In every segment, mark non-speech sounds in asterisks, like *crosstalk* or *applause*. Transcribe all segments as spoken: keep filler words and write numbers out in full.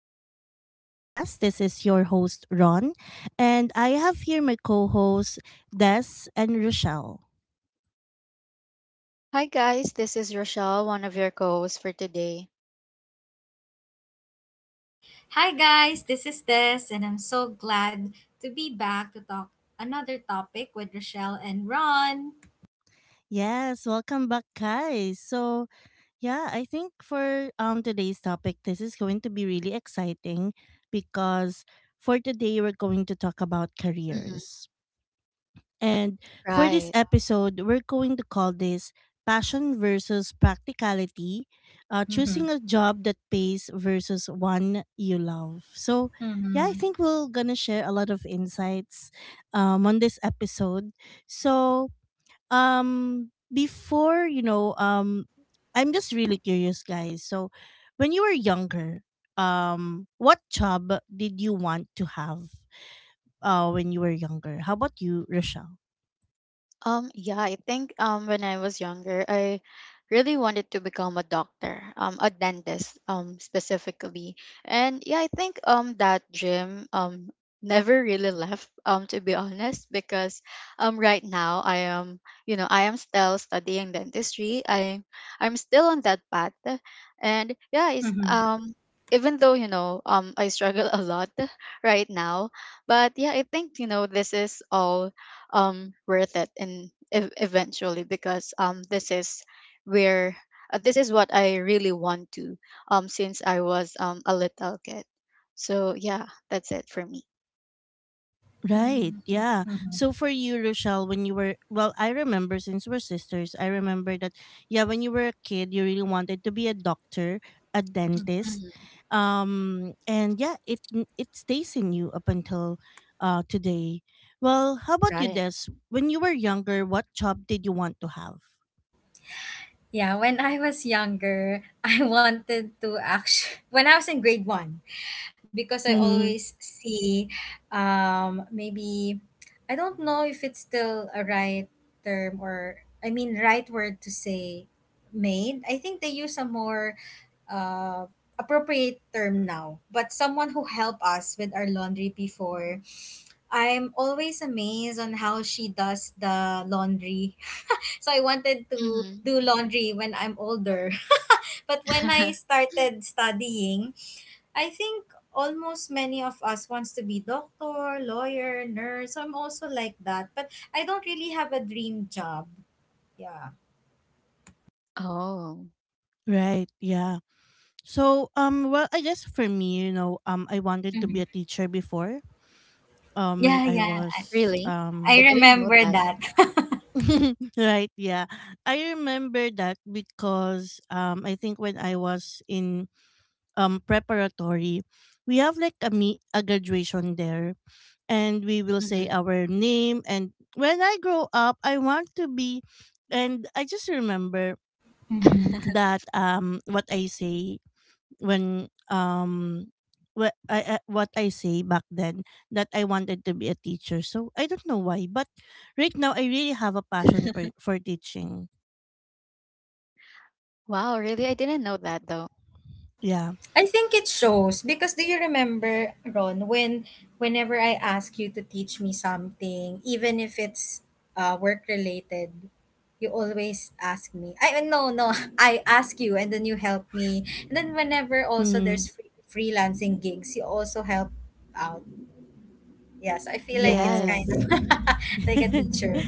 Unfiltered Growth Podcast. This is your host, Ron, and I have here my co hosts, Des and Rochelle. Hi guys, this is Rochelle, one of your co-hosts for today. Hi guys, this is Des, and I'm so glad to be back to talk another topic with Rochelle and Ron. Yes, welcome back, guys. So, yeah, I think for um today's topic, this is going to be really exciting because for today, we're going to talk about Mhm. careers. And for this Right. episode, we're going to call this Passion versus Practicality, uh, Mm-hmm. choosing a job that pays versus one you love. So, yeah, I Mm-hmm. think we're going to share a lot of insights um, on this episode. So, um, before, you know, um, I'm just really curious, guys. So, when you were younger, um, what job did you want to have? Uh, when you were younger. How about you, Rochelle? Um, yeah, I think um when I was younger, I really wanted to become a doctor, um, a dentist, um, specifically. And yeah, I think um that dream um *laughs* never really left, um, to be honest, because um right now I am, you know, I am still studying dentistry. I I'm still on that path. And yeah, it's um even though, you know, um I struggle a lot *laughs* right now, but yeah, I think, you know, this is all um worth it in ev- eventually because um this is where uh, this is what I really want to um since I was um a little kid. So yeah, that's it for me. Right, Mm. yeah. Mm-hmm. So for you, Rochelle, when you were well, I remember since we're sisters, I remember that yeah, when you were a kid, you really wanted to be a doctor, a dentist, Hmm. um, and yeah, it n- it stays in you up until uh today. Well, how about you, Right. Des? When you were younger, what job did you want to have? Yeah, when I was younger, *laughs* I wanted to actually *laughs* when I was in grade one because I Mm, always see, um, maybe I don't know if it's still a right term or I mean right word to say maid. I think they use a more uh, appropriate term now, but someone who helped us with our laundry before. I'm always amazed on how she does the laundry. *laughs* So I wanted to Hmm. do laundry when I'm older. *laughs* But when I *laughs* started studying, I think almost many of us wants to be doctor, lawyer, nurse. So, I'm also like that, but I don't really have a dream job. Yeah. Oh, right, yeah. So um, well, I guess for me, you know, um, I wanted to be Mhm. a teacher before. Um, when Yeah, I yeah. was really? I I um didn't know remember that. that. *laughs* right, yeah. I remember that because um I think when I was in um preparatory, we have like a meet a graduation there and we will say Hmm. our name and when I grow up I want to be, and I just remember *clears throat* *laughs* *laughs* that um what I say when um what I I- what I say back then, that I wanted to be a teacher. So I don't know why, but right now I really have a passion for, for teaching. Wow, really? I didn't know that though. Yeah. I think it shows because do you remember Ron when whenever I ask you to teach me something even if it's uh work related, you always ask me. I no no, *laughs* I ask you and then you help me, and then whenever also Mm. there's free, freelancing gigs you also help out. Yes, I feel like it's kind Yes. Yes. of *laughs* like a *laughs* teacher.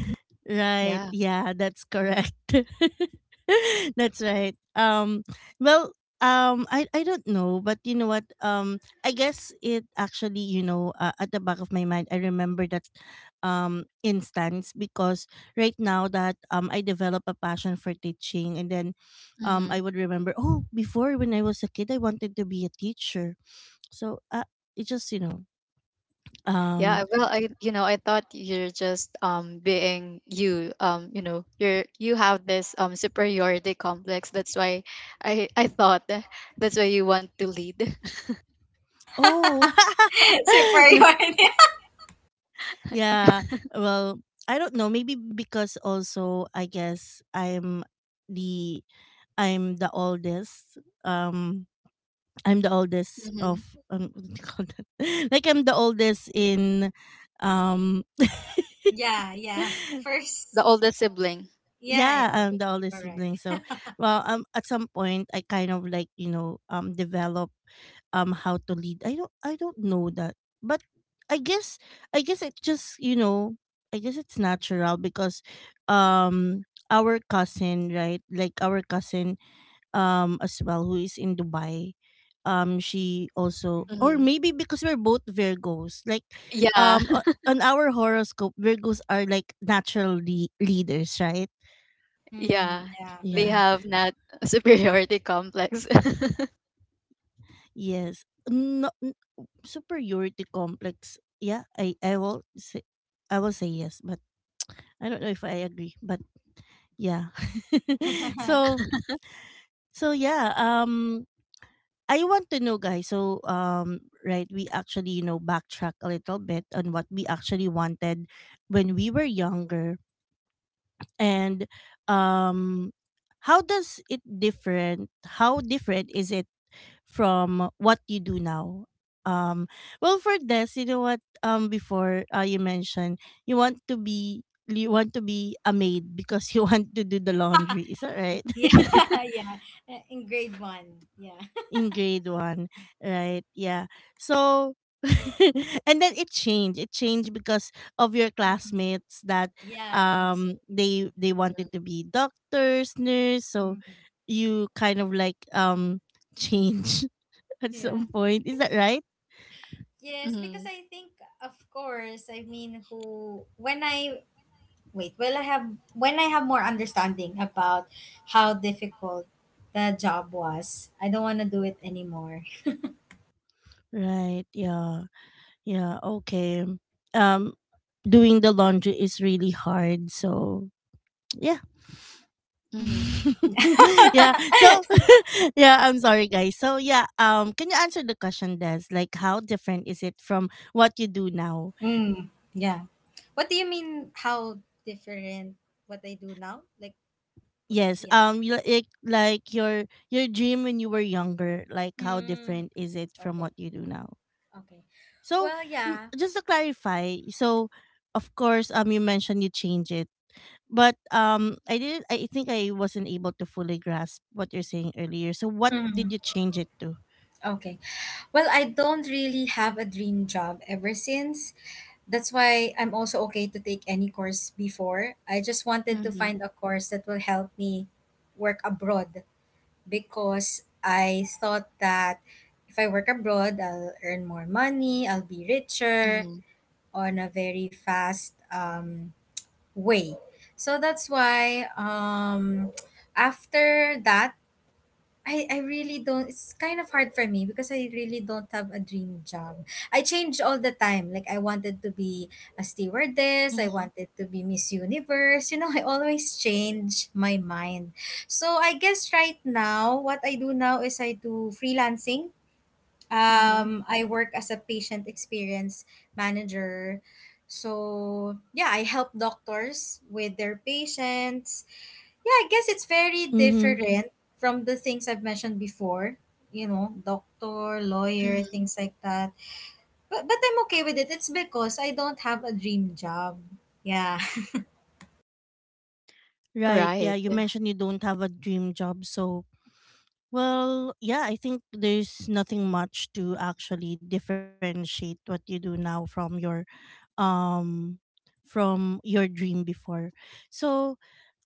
Right. Yeah. Yeah, that's correct. *laughs* *laughs* That's right. Um well, um I I don't know, but you know what? Um I guess it actually, you know, uh, at the back of my mind I remember that um instance because right now that um I develop a passion for teaching, and then um I Hmm. would remember, oh, before when I was a kid I wanted to be a teacher. So uh, it just, you know, um Yeah, I- well, I you know, I thought you're just um being you um you know, you're you have this um superiority complex. That's why I I thought that- That's why you want to lead. *laughs* Oh, *laughs* *laughs* Superior. N- yeah. Well, I don't know. Maybe because also I guess I'm the I'm the oldest. Um, I'm the oldest of Hmm. um, *laughs* what do you call that? *laughs* Like I'm the oldest in um Yeah, yeah, *laughs* *laughs* The first. oldest sibling. Yeah, yeah, yeah, I'm August, the oldest correct. sibling. So well um at some point I kind of like, you know, um develop um how to lead. I don't, I don't know that, but I guess, i guess it just, you know, I guess it's natural because um our cousin, right like our cousin um as well, who is in Dubai, um she also, or Hmm. maybe because we're both Virgos. Like Yeah, um o- on our horoscope Virgos are like natural le- leaders, right? *laughs* yeah. Hmm, yeah. They Yeah. have not *laughs* superiority complex. *laughs* Yes. No, n- superiority complex. Yeah, I I will say, I will say yes, but I don't know if I agree. But yeah. *laughs* So *laughs* so yeah, um I want to know, guys. So um right, we actually, you know, backtrack a little bit on what we actually wanted when we were younger, and um how does it different how different is it from what you do now? Um, well, for this, you know what? Um, before uh, you mentioned you want to be you want to be a maid because you *laughs* want to do the laundry. Is that right? Yeah, *laughs* *laughs* yeah. Uh, in grade one. Yeah. *laughs* In grade one, right? Yeah. So. *laughs* And then it changed it changed because of your Mhm. classmates that Yeah, I think so. um they they wanted to be doctors, nurse. So Hmm. you kind of like um change *laughs* at Yeah. some point, is that right? Yes, because Mm-hmm. I think, of course, I mean, who, when I, wait, well, I have, when I have more understanding about how difficult the job was, I don't want to do it anymore. Right. Yeah. Yeah. Okay. Um, doing the laundry is really hard. So yeah. Mm-hmm. *laughs* Yeah. So *laughs* *laughs* yeah. I'm sorry, guys. So yeah. Um, can you answer the question, Des? Like, how different is it from what you do now? Mm, yeah. What do you mean how different what I do now? Like, wh- Yes. Yeah. Um, you, like like your your dream when you were younger. Like, how Mm, different is it from okay. what you do now? Okay. So Well, m- yeah. just to clarify, so of course, um, you mentioned you change it, but um i didn't I think I wasn't able to fully grasp what you're saying earlier. So what did you change it to? Okay. Well, I don't really have a dream job ever since. That's why I'm also okay to take any course before. I just wanted to Mm-hmm. find a course that will help me work abroad because I thought that if I work abroad, I'll earn more money, I'll be richer Mm-hmm. on a very fast um, way. So that's why um, after that, I, I really don't, it's kind of hard for me because I really don't have a dream job. I change all the time. Like I wanted to be a stewardess, I wanted to be Miss Universe. You know, *laughs* I always change my mind. So I guess right now what I do now is I do freelancing. Mm-hmm. um I work as a patient experience manager. So, yeah, I help doctors with their patients. Yeah, I guess it's very Mm-hmm. different from the things I've mentioned before, you know, doctor, lawyer, Mm-hmm. things like that. But but I'm okay with it. It's because I don't have a dream job. Yeah. Right, yeah, Right. you mentioned you don't have a dream job. So well yeah, I think there's nothing much to actually differentiate what you do now from your um from your dream before. So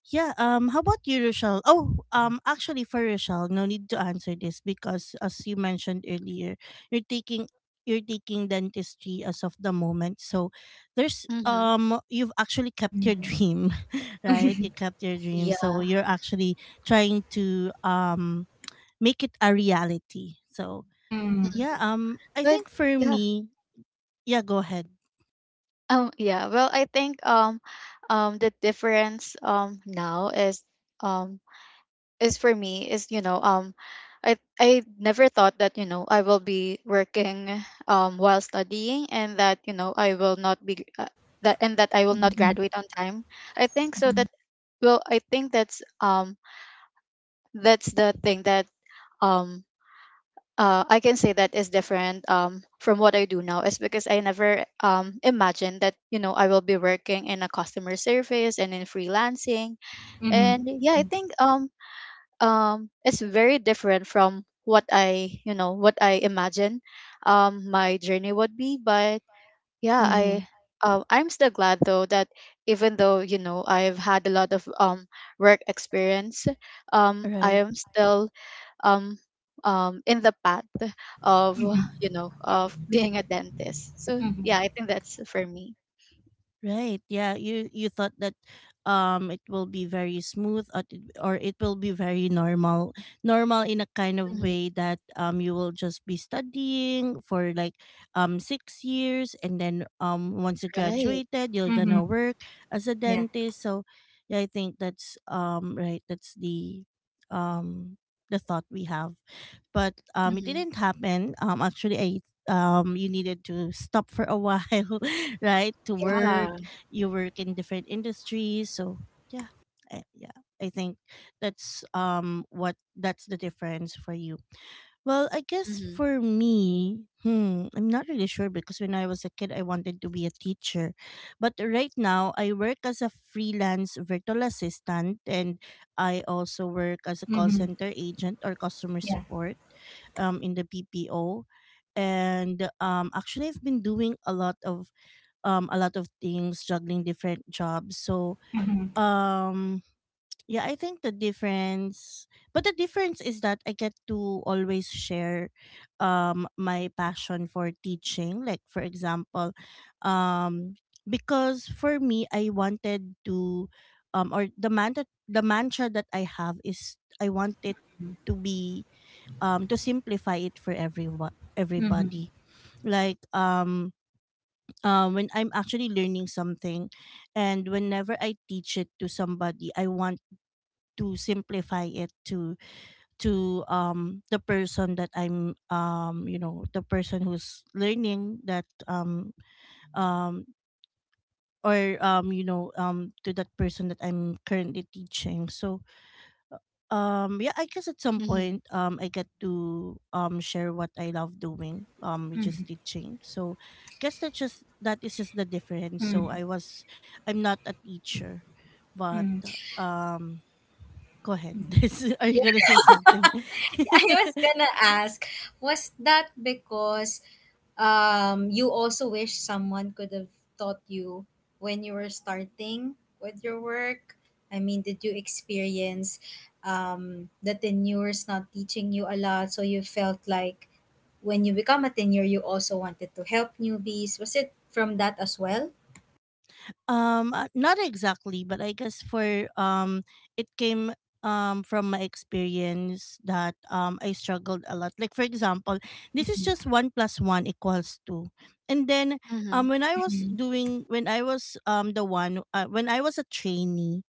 yeah, um how about you, Rochelle? Oh, um actually for Rochelle, no need to answer this because as you mentioned earlier, you're taking you're taking dentistry as of the moment. So there's Mm-hmm. um you've actually kept your *laughs* dream, *laughs* right? You kept your dream. So Yeah. you're actually trying to um make it a reality. So Mm-hmm. Mhm. yeah, um I But think for yeah, me, yeah, go ahead. Um, yeah, well, I think um, um, the difference um now is um is for me is you know um, I I never thought that you know I will be working um while studying and that you know I will not be uh, that and that I will not graduate on time. I think so that well I think that's um that's the thing that um uh, I can say that is different, um, from what I do now is because I never, um, imagined that you know I will be working in a customer service and in freelancing, Mm-hmm. and yeah, I think um um it's very different from what I you know what I imagine um my journey would be. But yeah, I Mhm. um I'm still glad though that even though you know I've had a lot of um work experience, um I Right. am still um um in the path of Mm-hmm. you know of *laughs* being a dentist. So Hmm. yeah, I think that's for me. Right. Yeah. You you thought that um it will be very smooth, or it, or it will be very normal. Normal in a kind of Hmm. way that um you will just be studying for like um six years, and then um once you Right. graduated you're going Hmm. to work as a Yeah. dentist. So yeah, I think that's um right, that's the um the thought we have, but um, it Hmm. didn't happen. Um, actually, I um, you needed to stop for a while, *laughs* right? To work, Yeah. you work in different industries, so yeah, I, yeah. I think that's um what that's the difference for you. Well, I guess Hmm. for me, hmm, I'm not really sure because when I was a kid, I wanted to be a teacher. But right now, I work as a freelance virtual assistant, and I also work as a call Hmm. center agent or customer Yeah. support um, in the B P O. And um, actually, I've been doing a lot of um, a lot of things, juggling different jobs. So Hmm. um, yeah, I think the difference, but the difference is that I get to always share um my passion for teaching. Like for example, um because for me I wanted to um or the man that the mantra that I have is I want it to be um to simplify it for everyone, Hmm. everybody. Like um um when I'm actually learning something and whenever I teach it to somebody, I want to simplify it to to um the person that I'm um you know, the person who's learning that um um or um you know, um to that person that I'm currently teaching. So um yeah, I guess at some Hmm. point um I get to um share what I love doing, um which is Hmm. teaching. So I guess that's just, that is just the difference. So Hmm. I was, I'm not a teacher, but Mm-hmm. um Go ahead. *laughs* Are you gonna say something? *laughs* I was *laughs* gonna ask, was that because um you also wish someone could have taught you when you were starting with your work? I mean, did you experience um the tenures not teaching you a lot, so you felt like when you become a tenure, you also wanted to help newbies? Was it from that as well? um, uh, not exactly, but I guess for um, it came um from my experience that um I struggled a lot. Like for example, this is just one plus one equals two, and then um Hmm. when I was Mm-hmm. doing when I was um the one, uh, when I was a trainee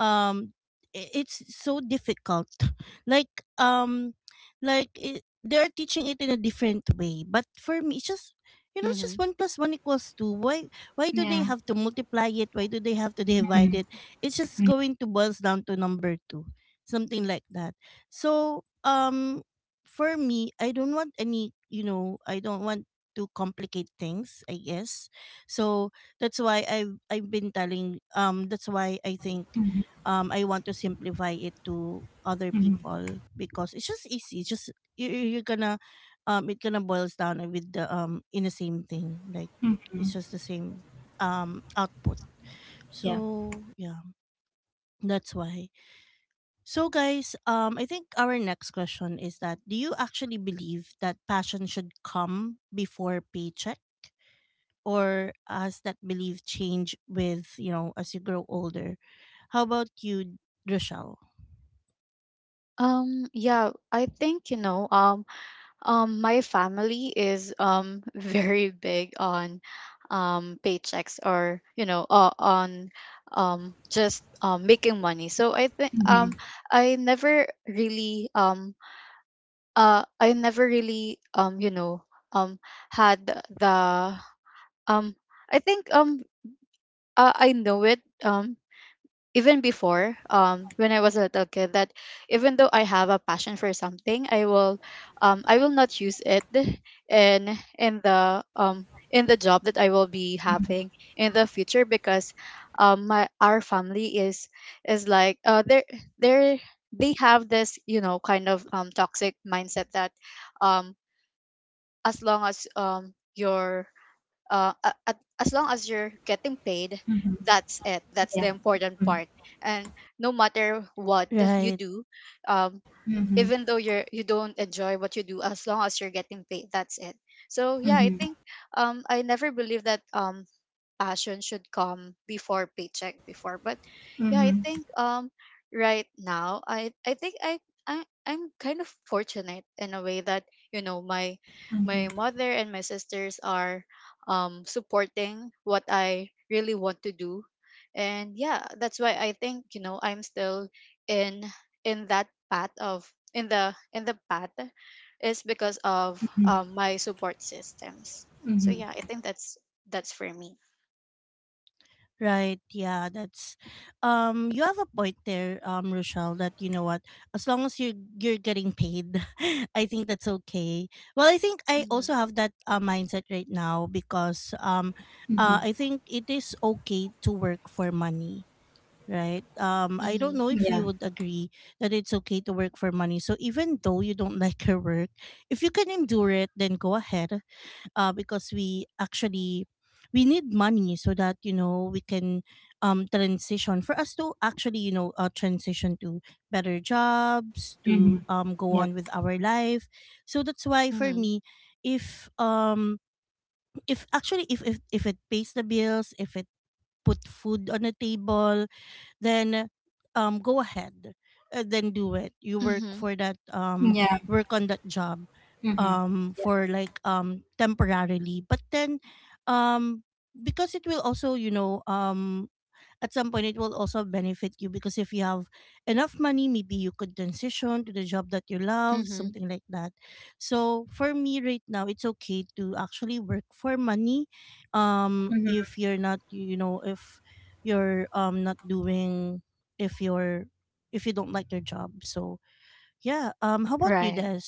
um i- it's so difficult *laughs* like um like it, they're teaching it in a different way, but for me it's just, you know, it's just Hmm. one plus one equals two. why why do they Yeah. have to multiply it, why do they have to *laughs* divide Mm-hmm. it, it's just going to boils down to number two, something like that. So um for me I don't want any, you know, I don't want to complicate things, I guess. So that's why i've I've been telling um that's why I think um I want to simplify it to other people because it's just easy. It's just you you- you're gonna um it gonna boils down with the um in the same thing. Like it's just the same um output. Yeah. So yeah, that's why. So guys, um I think our next question is that do you actually believe that passion should come before paycheck? Or has that belief change with, you know, as you grow older? How about you, Rochelle? um yeah, I think you know, um um my family is um *laughs* very big on um paychecks or you know, uh, on um just um making money. So I think Mm-hmm. um I never really um uh I never really um you know um had the um I think um uh, I know it um even before, um when I was a little kid, that even though I have a passion for something, I will um I will not use it in in the um in the job that I will be having in the future, because um my our family is is like uh they are they are they have this you know kind of um toxic mindset that um as long as um you're uh a- at, as long as you're getting paid, that's it, that's the Yeah. important Mm-hmm. part. And no matter what you Right. do, um Mm-hmm. even though you're, you don't enjoy what you do, as long as you're getting paid, that's it. So yeah, I think um I never believed that um passion should come before paycheck before, but yeah, I Mm-hmm. think um right now i i think i, i, I'm kind of fortunate in a way that you know my my Mm-hmm. mother and my sisters are um supporting what I really want to do. And yeah, that's why I think you know I'm still in in that path of in the in the path is because of, um, my support systems. So Mhm. yeah, I think that's that's for me. Right. Yeah, that's um you have a point there, um, Rochelle, that you know what, as long as you're you're getting paid, *laughs* I think that's okay. Well, I think I Mhm, also have that uh, mindset right now because um uh Mhm. I think it is okay to work for money. Right. Um, I don't mhm, know if Yeah. you would agree that it's okay to work for money. So even though you don't *laughs* like your work, if you can endure it, then go ahead uh, because we actually we need money so that you know we can um, transition, for us to actually you know uh, transition to better jobs, to Mhm. um, go Yep. on with our life. So that's why for mhm, me, if um if actually if if, if it pays the bills, if it put food on the table, then um go ahead, uh, then do it. You work mhm, for that, um Yeah. work on that job, Mhm. um Yep. for like um temporarily. But then, um because it will also you know um at some point it will also benefit you, because if you have enough money maybe you could transition to the job that you love, mhm. something like that. So for me right now it's okay to actually work for money. um Mhm. If you're not, you know if you're um not doing, if you're, if you don't like your job. So yeah. Um how about you, Right. Des?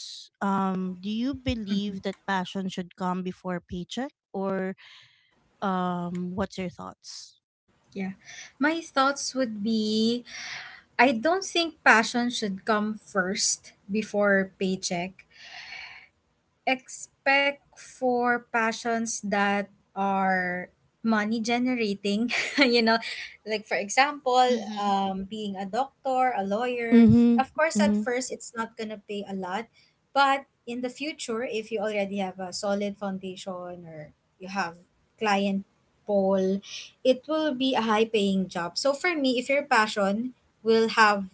um Do you believe Mhm. that passion should come before paycheck, or um what's your thoughts? Yeah. My thoughts would be I don't think passion should come first before paycheck, expect for passions that are money generating. *laughs* You know, like for example, Mhm, um being a doctor, a lawyer, of course at Mm-hmm. first it's not going to pay a lot, but in the future if you already have a solid foundation or you have client pool, it will be a high paying job. So for me, if your passion will have,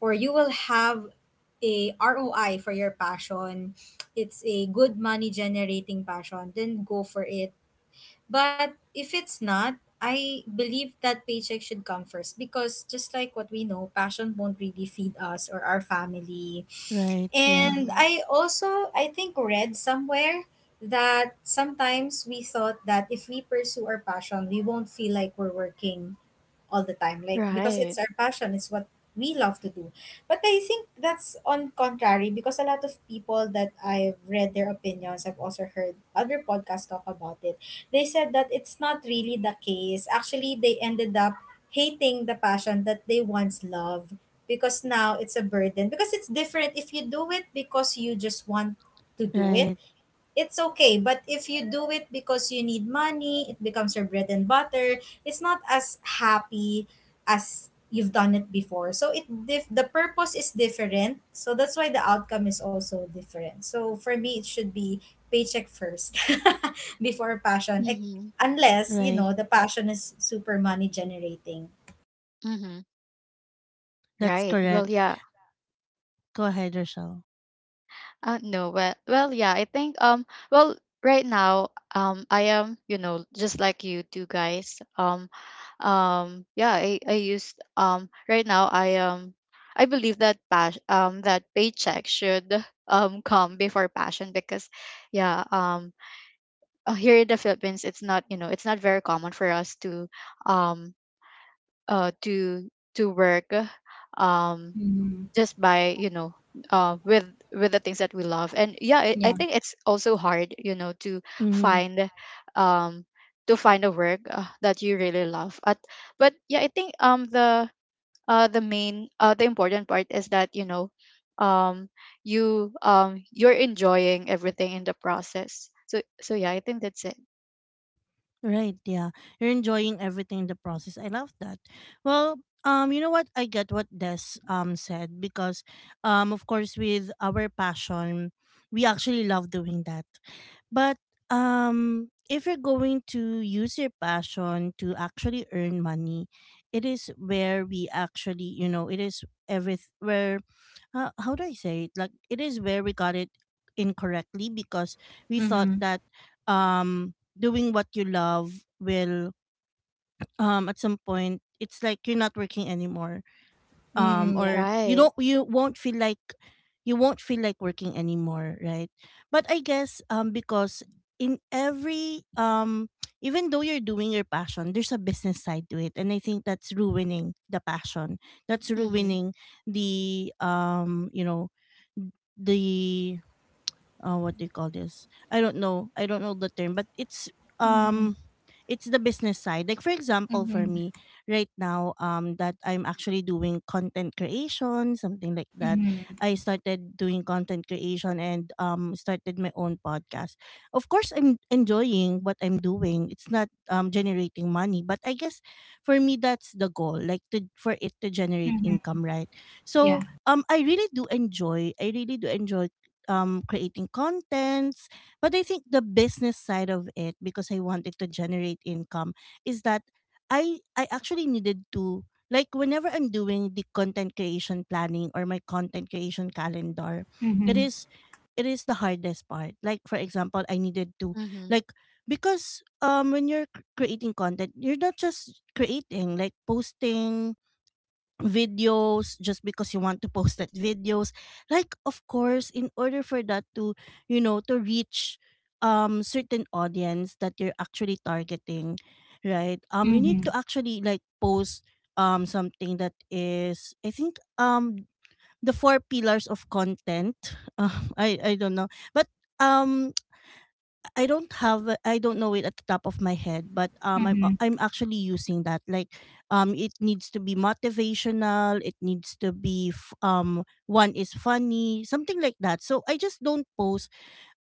or you will have a R O I for your passion, it's a good money generating passion, then go for it. But if it's not, I believe that paycheck should come first because just like what we know, passion won't really feed us or our family. Right. Yeah. And mhm. I also I think read somewhere that sometimes we thought that if we pursue our passion, we won't feel like we're working all the time, like because it's Right. our passion, it's what we love to do. But I think that's on contrary because a lot of people that I've read their opinions, I've also heard other podcasts talk about it. They said that it's not really the case. Actually, they ended up hating the passion that they once loved because now it's a burden, because it's different if you do it because you just want to do it, Right. it's okay. But if you do it because you need money, it becomes your bread and butter. It's not as happy as you've done it before, so it dif- the purpose is different, so that's why the outcome is also different. So for me it should be paycheck first *laughs* before passion. Eh, Mhm, unless you Right. know the passion is super money generating. mhm. That's Right. Well, correct. yeah. Go ahead, Rochelle. Uh, no. Well, well, yeah. I think um. Well, right now, um, I am you know just like you two guys, um um yeah I I used um right now I um I believe that pas- um that paycheck should *laughs* um come before passion because yeah, um uh, here in the Philippines, it's not, you know, it's not very common for us to um uh to to work, uh, um Mm-hmm. just by you know, uh with with the things that we love. And yeah, I, I Yeah. think it's also hard you know to Mm-hmm. find um to find a work, uh, that you really love at. But yeah, I think um the uh the main, uh the important part is that you know um you um you're enjoying everything in the process. So so yeah, I think that's it. Right, yeah. You're enjoying everything in the process. I love that. Well, um, you know what? I get what Des um said because, um, of course with our passion, we actually love doing that. But, um, if you're going to use your passion to actually earn money, it is where we actually, you know, it is every where. Uh, how do I say it? Like, it is where we got it incorrectly, because we thought Mm-hmm. that, um doing what you love will, um at some point it's like you're not working anymore, um Mm-hmm. Yeah. or you Right. don't, you won't feel like, you won't feel like working anymore, right? But I guess, um because in every, um even though you're doing your passion, there's a business side to it, and I think that's ruining the passion, that's Mhm, ruining the, um you know, the, uh, what do you call this? I don't know. I don't know the term, but it's, Mm-hmm. um it's the business side. Like for example, for Mm-hmm. me right now, um, that I'm actually doing content creation, something like that. Mm-hmm. I started doing content creation and um started my own podcast. Of course, I'm enjoying what I'm doing. It's not um generating money, but I guess for me that's the goal, like to, for it to generate Mm-hmm. income, right? Yeah. So um I really do enjoy I really do enjoy, um, creating contents. But I think the business side of it, because I wanted to generate income, is that I I actually needed to, like whenever I'm doing the content creation planning or my content creation calendar, it Mm-hmm. is, it is the hardest part. Like for example, I needed to, mhm, like, because, um when you're c- creating content, you're not just creating, like posting videos just because you want to post that videos. Like of course, in order for that to, you know, to reach um certain audience that you're actually targeting, right? Um you need Mm-hmm. to actually like post um something that is, I think, um the four pillars of content *laughs* um i i don't know, but, um I don't have a- I don't know it at the top of my head, but, um I'm a- Mm-hmm. I'm actually using that. Like, um it needs to be motivational, it needs to be f- um one is funny, something like that. So I just don't post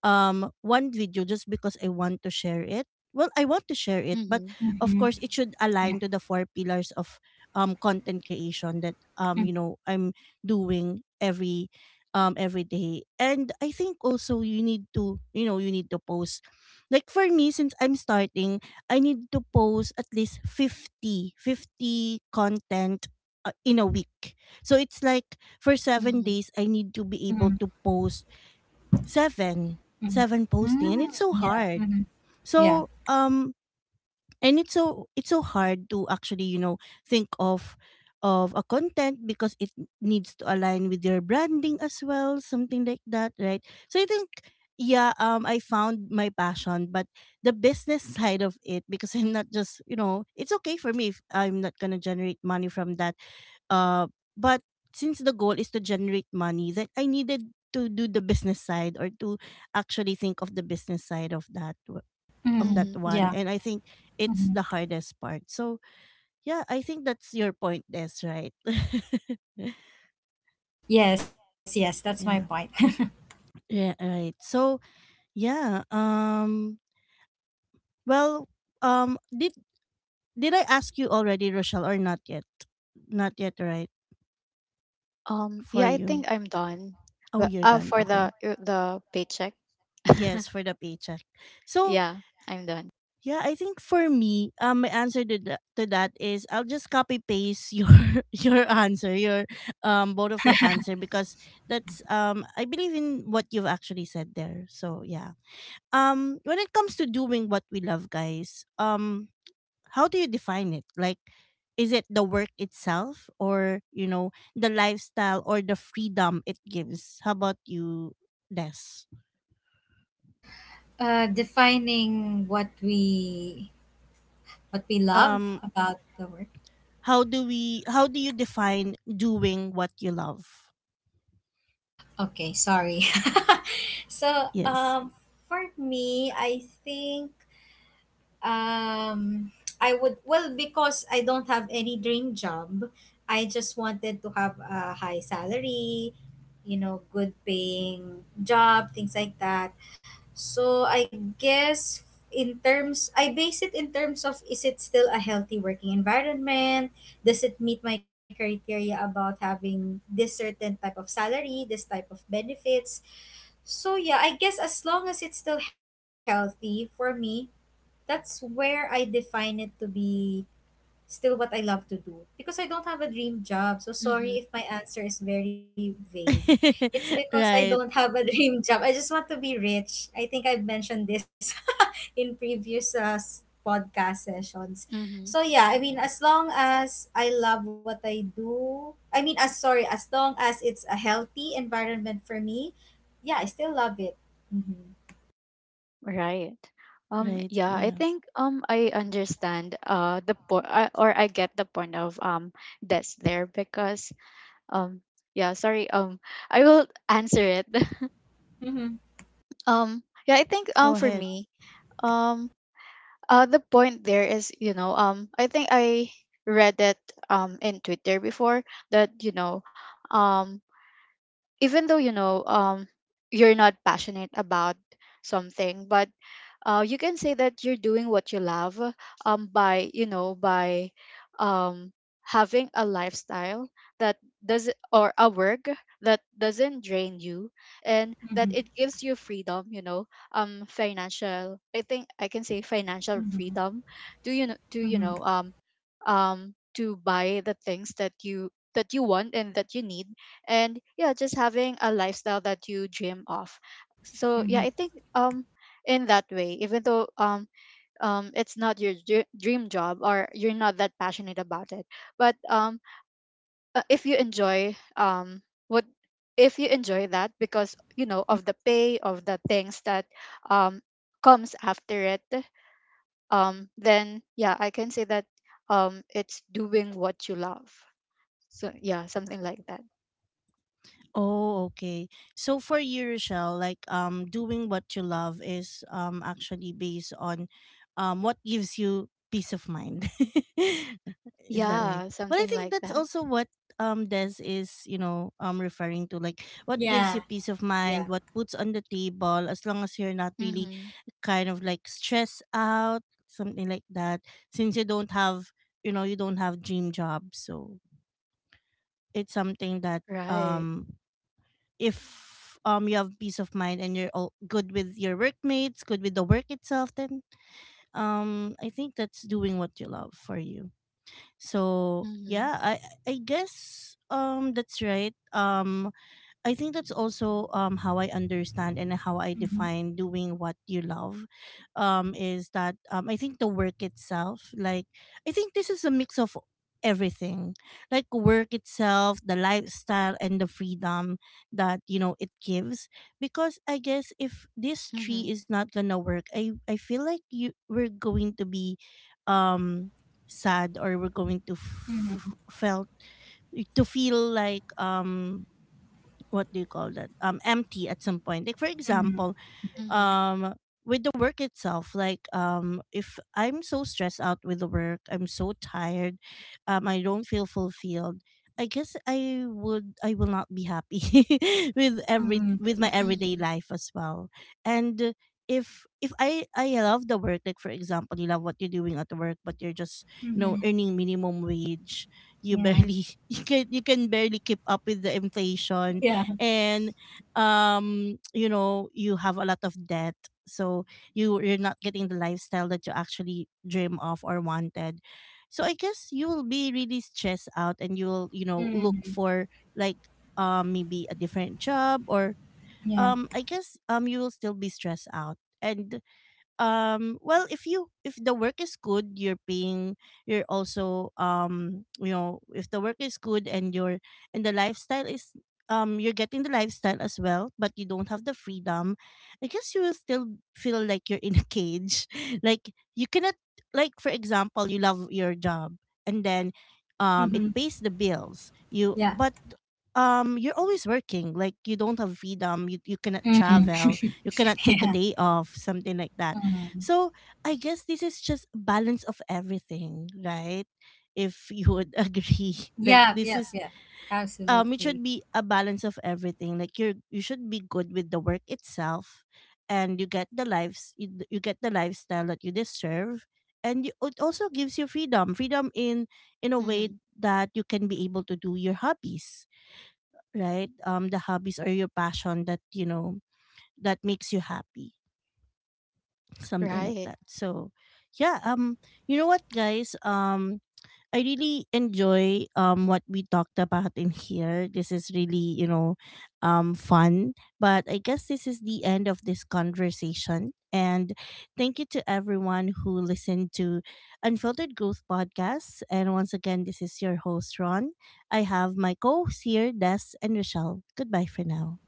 um one video just because I want to share it. Well, I want to share it, but mhm, of Mhm. course it should Yeah. align to the four pillars of um content creation that, Mhm. um you know, I'm doing every, um every day. And I think also you need to, you know, you need to post. Like for me, since I'm starting, I need to post at least fifty fifty content, uh, in a week. So it's like for seven mhm, days I need to be able Mhm. to post seven Mhm. seven posting, and Mm. it's so Yeah. hard. Mhm. Yeah. So um and it's so it's so hard to actually, you know, think of of a content, because it needs to align with your branding as well, something like that, right? So I think, yeah, um I found my passion, but the business *laughs* side of it, because I'm not just, you know, it's okay for me if I'm not going to generate money from that, uh, but since the goal is to generate money, then I needed to do the business side, or to actually think of the business side of that, Mhm. of that mhm. Yeah. one. And I think Mhm. it's the hardest part. So yeah, I think that's your point, Des, right? *laughs* Yes, yes, that's my point. Yeah, *laughs* yeah, right. So yeah, um, well, um, did did I ask you already, Rochelle, or not yet? Not yet, right? Um, for yeah, I you. think I'm done. Oh, But you're uh, done, for okay. the uh, the paycheck, *laughs* Yes, for the paycheck. So yeah, I'm done. yeah, I think for me, um, my answer to that, to that, is I'll just copy paste your *laughs* your answer, your, um, both of your answer, because that's, um I believe in what you've actually said there. So yeah, um, when it comes to doing what we love, guys, um, how do you define it? Like, is it the work itself, or you know, the lifestyle or the freedom it gives? How about you, Des? Uh, defining what we what we love Um, about the work. how do we? How do you define doing what you love? Okay, sorry. *laughs* So, Yes. um, for me, I think um I would, well, because I don't have any dream job. I just wanted to have a high salary, you know, good paying job, things like that. So I guess in terms, I base it in terms of is it still a healthy working environment? Does it meet my criteria about having this certain type of salary, this type of benefits? So yeah, I guess as long as it's still healthy for me, that's where I define it to be still what I love to do because I don't have a dream job. So Mm-hmm. sorry if my answer is very vague. *laughs* It's because I Right, don't have a *laughs* dream job. I just want to be rich. I think I've mentioned this *laughs* in previous uh, s- podcast sessions. Mm-hmm. So yeah, I mean as long as I love what I do, I mean as sorry, as long as it's a healthy environment for me, yeah, I still love it. Mhm. Right. Um, right. yeah, I Yeah. think um I understand uh the point, uh, or I get the point of um that's there because um yeah, sorry, um I will answer it. *laughs* Mhm. um yeah, I think Go um for ahead. me, um. Uh, the point there is, you know, um, I think I read it um in Twitter before that you know, um, even though you know, um, you're not passionate about something, but uh, you can say that you're doing what you love, um, by you know by um, having a lifestyle that does or a work that doesn't drain you, and that Mhm. it gives you freedom, you know, um financial, I think I can say financial Mhm. freedom to you know to you Mhm. know um um to buy the things that you that you want and that you need, and yeah just having a lifestyle that you dream of. So Mhm. yeah, I think um in that way, even though um um it's not your dr- dream job or you're not that passionate about it, but um uh, if you enjoy um what if you enjoy that because you know of the pay of the things that um comes after it, um then yeah I can say that um it's doing what you love. So yeah, something like that. Oh, okay. So for you, Rochelle, like, um doing what you love is, um actually based on, um what gives you peace of mind. *laughs* Is that right? Yeah, Well, I something think like that's that. also what, um Des is, you know, um, referring to, like what gives Yeah, you peace of yeah. mind, what puts on the table, as long as you're not really Mm-hmm. kind of like stressed out, something like that. Since you don't have, you know, you don't have dream job. So it's something that, Right. um if, um you have peace of mind and you're all good with your workmates, good with the work itself, then, um I think that's doing what you love for you. So Mm-hmm. yeah, I I guess, um that's right. Um, I think that's also, um, how I understand and how I Mhm, define doing what you love. Um, is that, um, I think the work itself, like, I think this is a mix of everything, like work itself, the lifestyle, and the freedom that, you know, it gives. Because I guess if this Mm-hmm. tree is not gonna work, I I feel like you, we're going to be, um, sad, or we're going to f- mhm, f- felt, to feel like, um what do you call that, um empty at some point. Like for mhm, example, Mm-hmm. um with the work itself, like, um if I'm so stressed out with the work, I'm so tired, um I don't feel fulfilled, I guess I would, I will not be happy *laughs* with mhm, every, with my everyday Mm-hmm. life as well. And uh, if if i i love the work, like for example you love what you're doing at the work, but you're just, you mhm. know, earning minimum wage, you Yeah, barely *laughs* you can, you can barely keep up with the inflation, yeah, and, um you know, you have a lot of debt. So you, you're not getting the lifestyle that you actually dream of or wanted. So I guess you will be really stressed out, and you will, you know, look mhm, for, like, um maybe a different job, or, yeah, um I guess, um you will still be stressed out. And, um well, if you, if the work is good, you're paying, you're also, um, you know, if the work is good and your, and the lifestyle is, um you're getting the lifestyle as well, but you don't have the freedom, I guess you will still feel like you're in a cage *laughs* like you cannot, like for example you love your job, and then, um it mhm, pays the bills you, yeah, but, um you're always working, like you don't have freedom, you, you cannot mhm, travel, you cannot *laughs* take a yeah, day off, something like that. mhm. So I guess this is just balance of everything, right? If you would *laughs* agree, like Yeah. this Yeah. is, Yep. um, it Absolutely. should be a balance of everything. Like you, are, you should be good with the work itself, and you get the lives, you, d- you get the lifestyle that you deserve, and you, it also gives you freedom, freedom in in a way Mm-hmm. that you can be able to do your hobbies, right? Um, the hobbies or your passion that, you know, that makes you happy, something like Right. that. So yeah, um, you know what, guys, um, I really enjoy, um what we talked about in here. This is really, you know, um, fun. But I guess this is the end of this conversation, and thank you to everyone who listened to Unfiltered Growth Podcast. And once again, this is your host Ron. I have my co-hosts here, Des and Rochelle. Goodbye for now.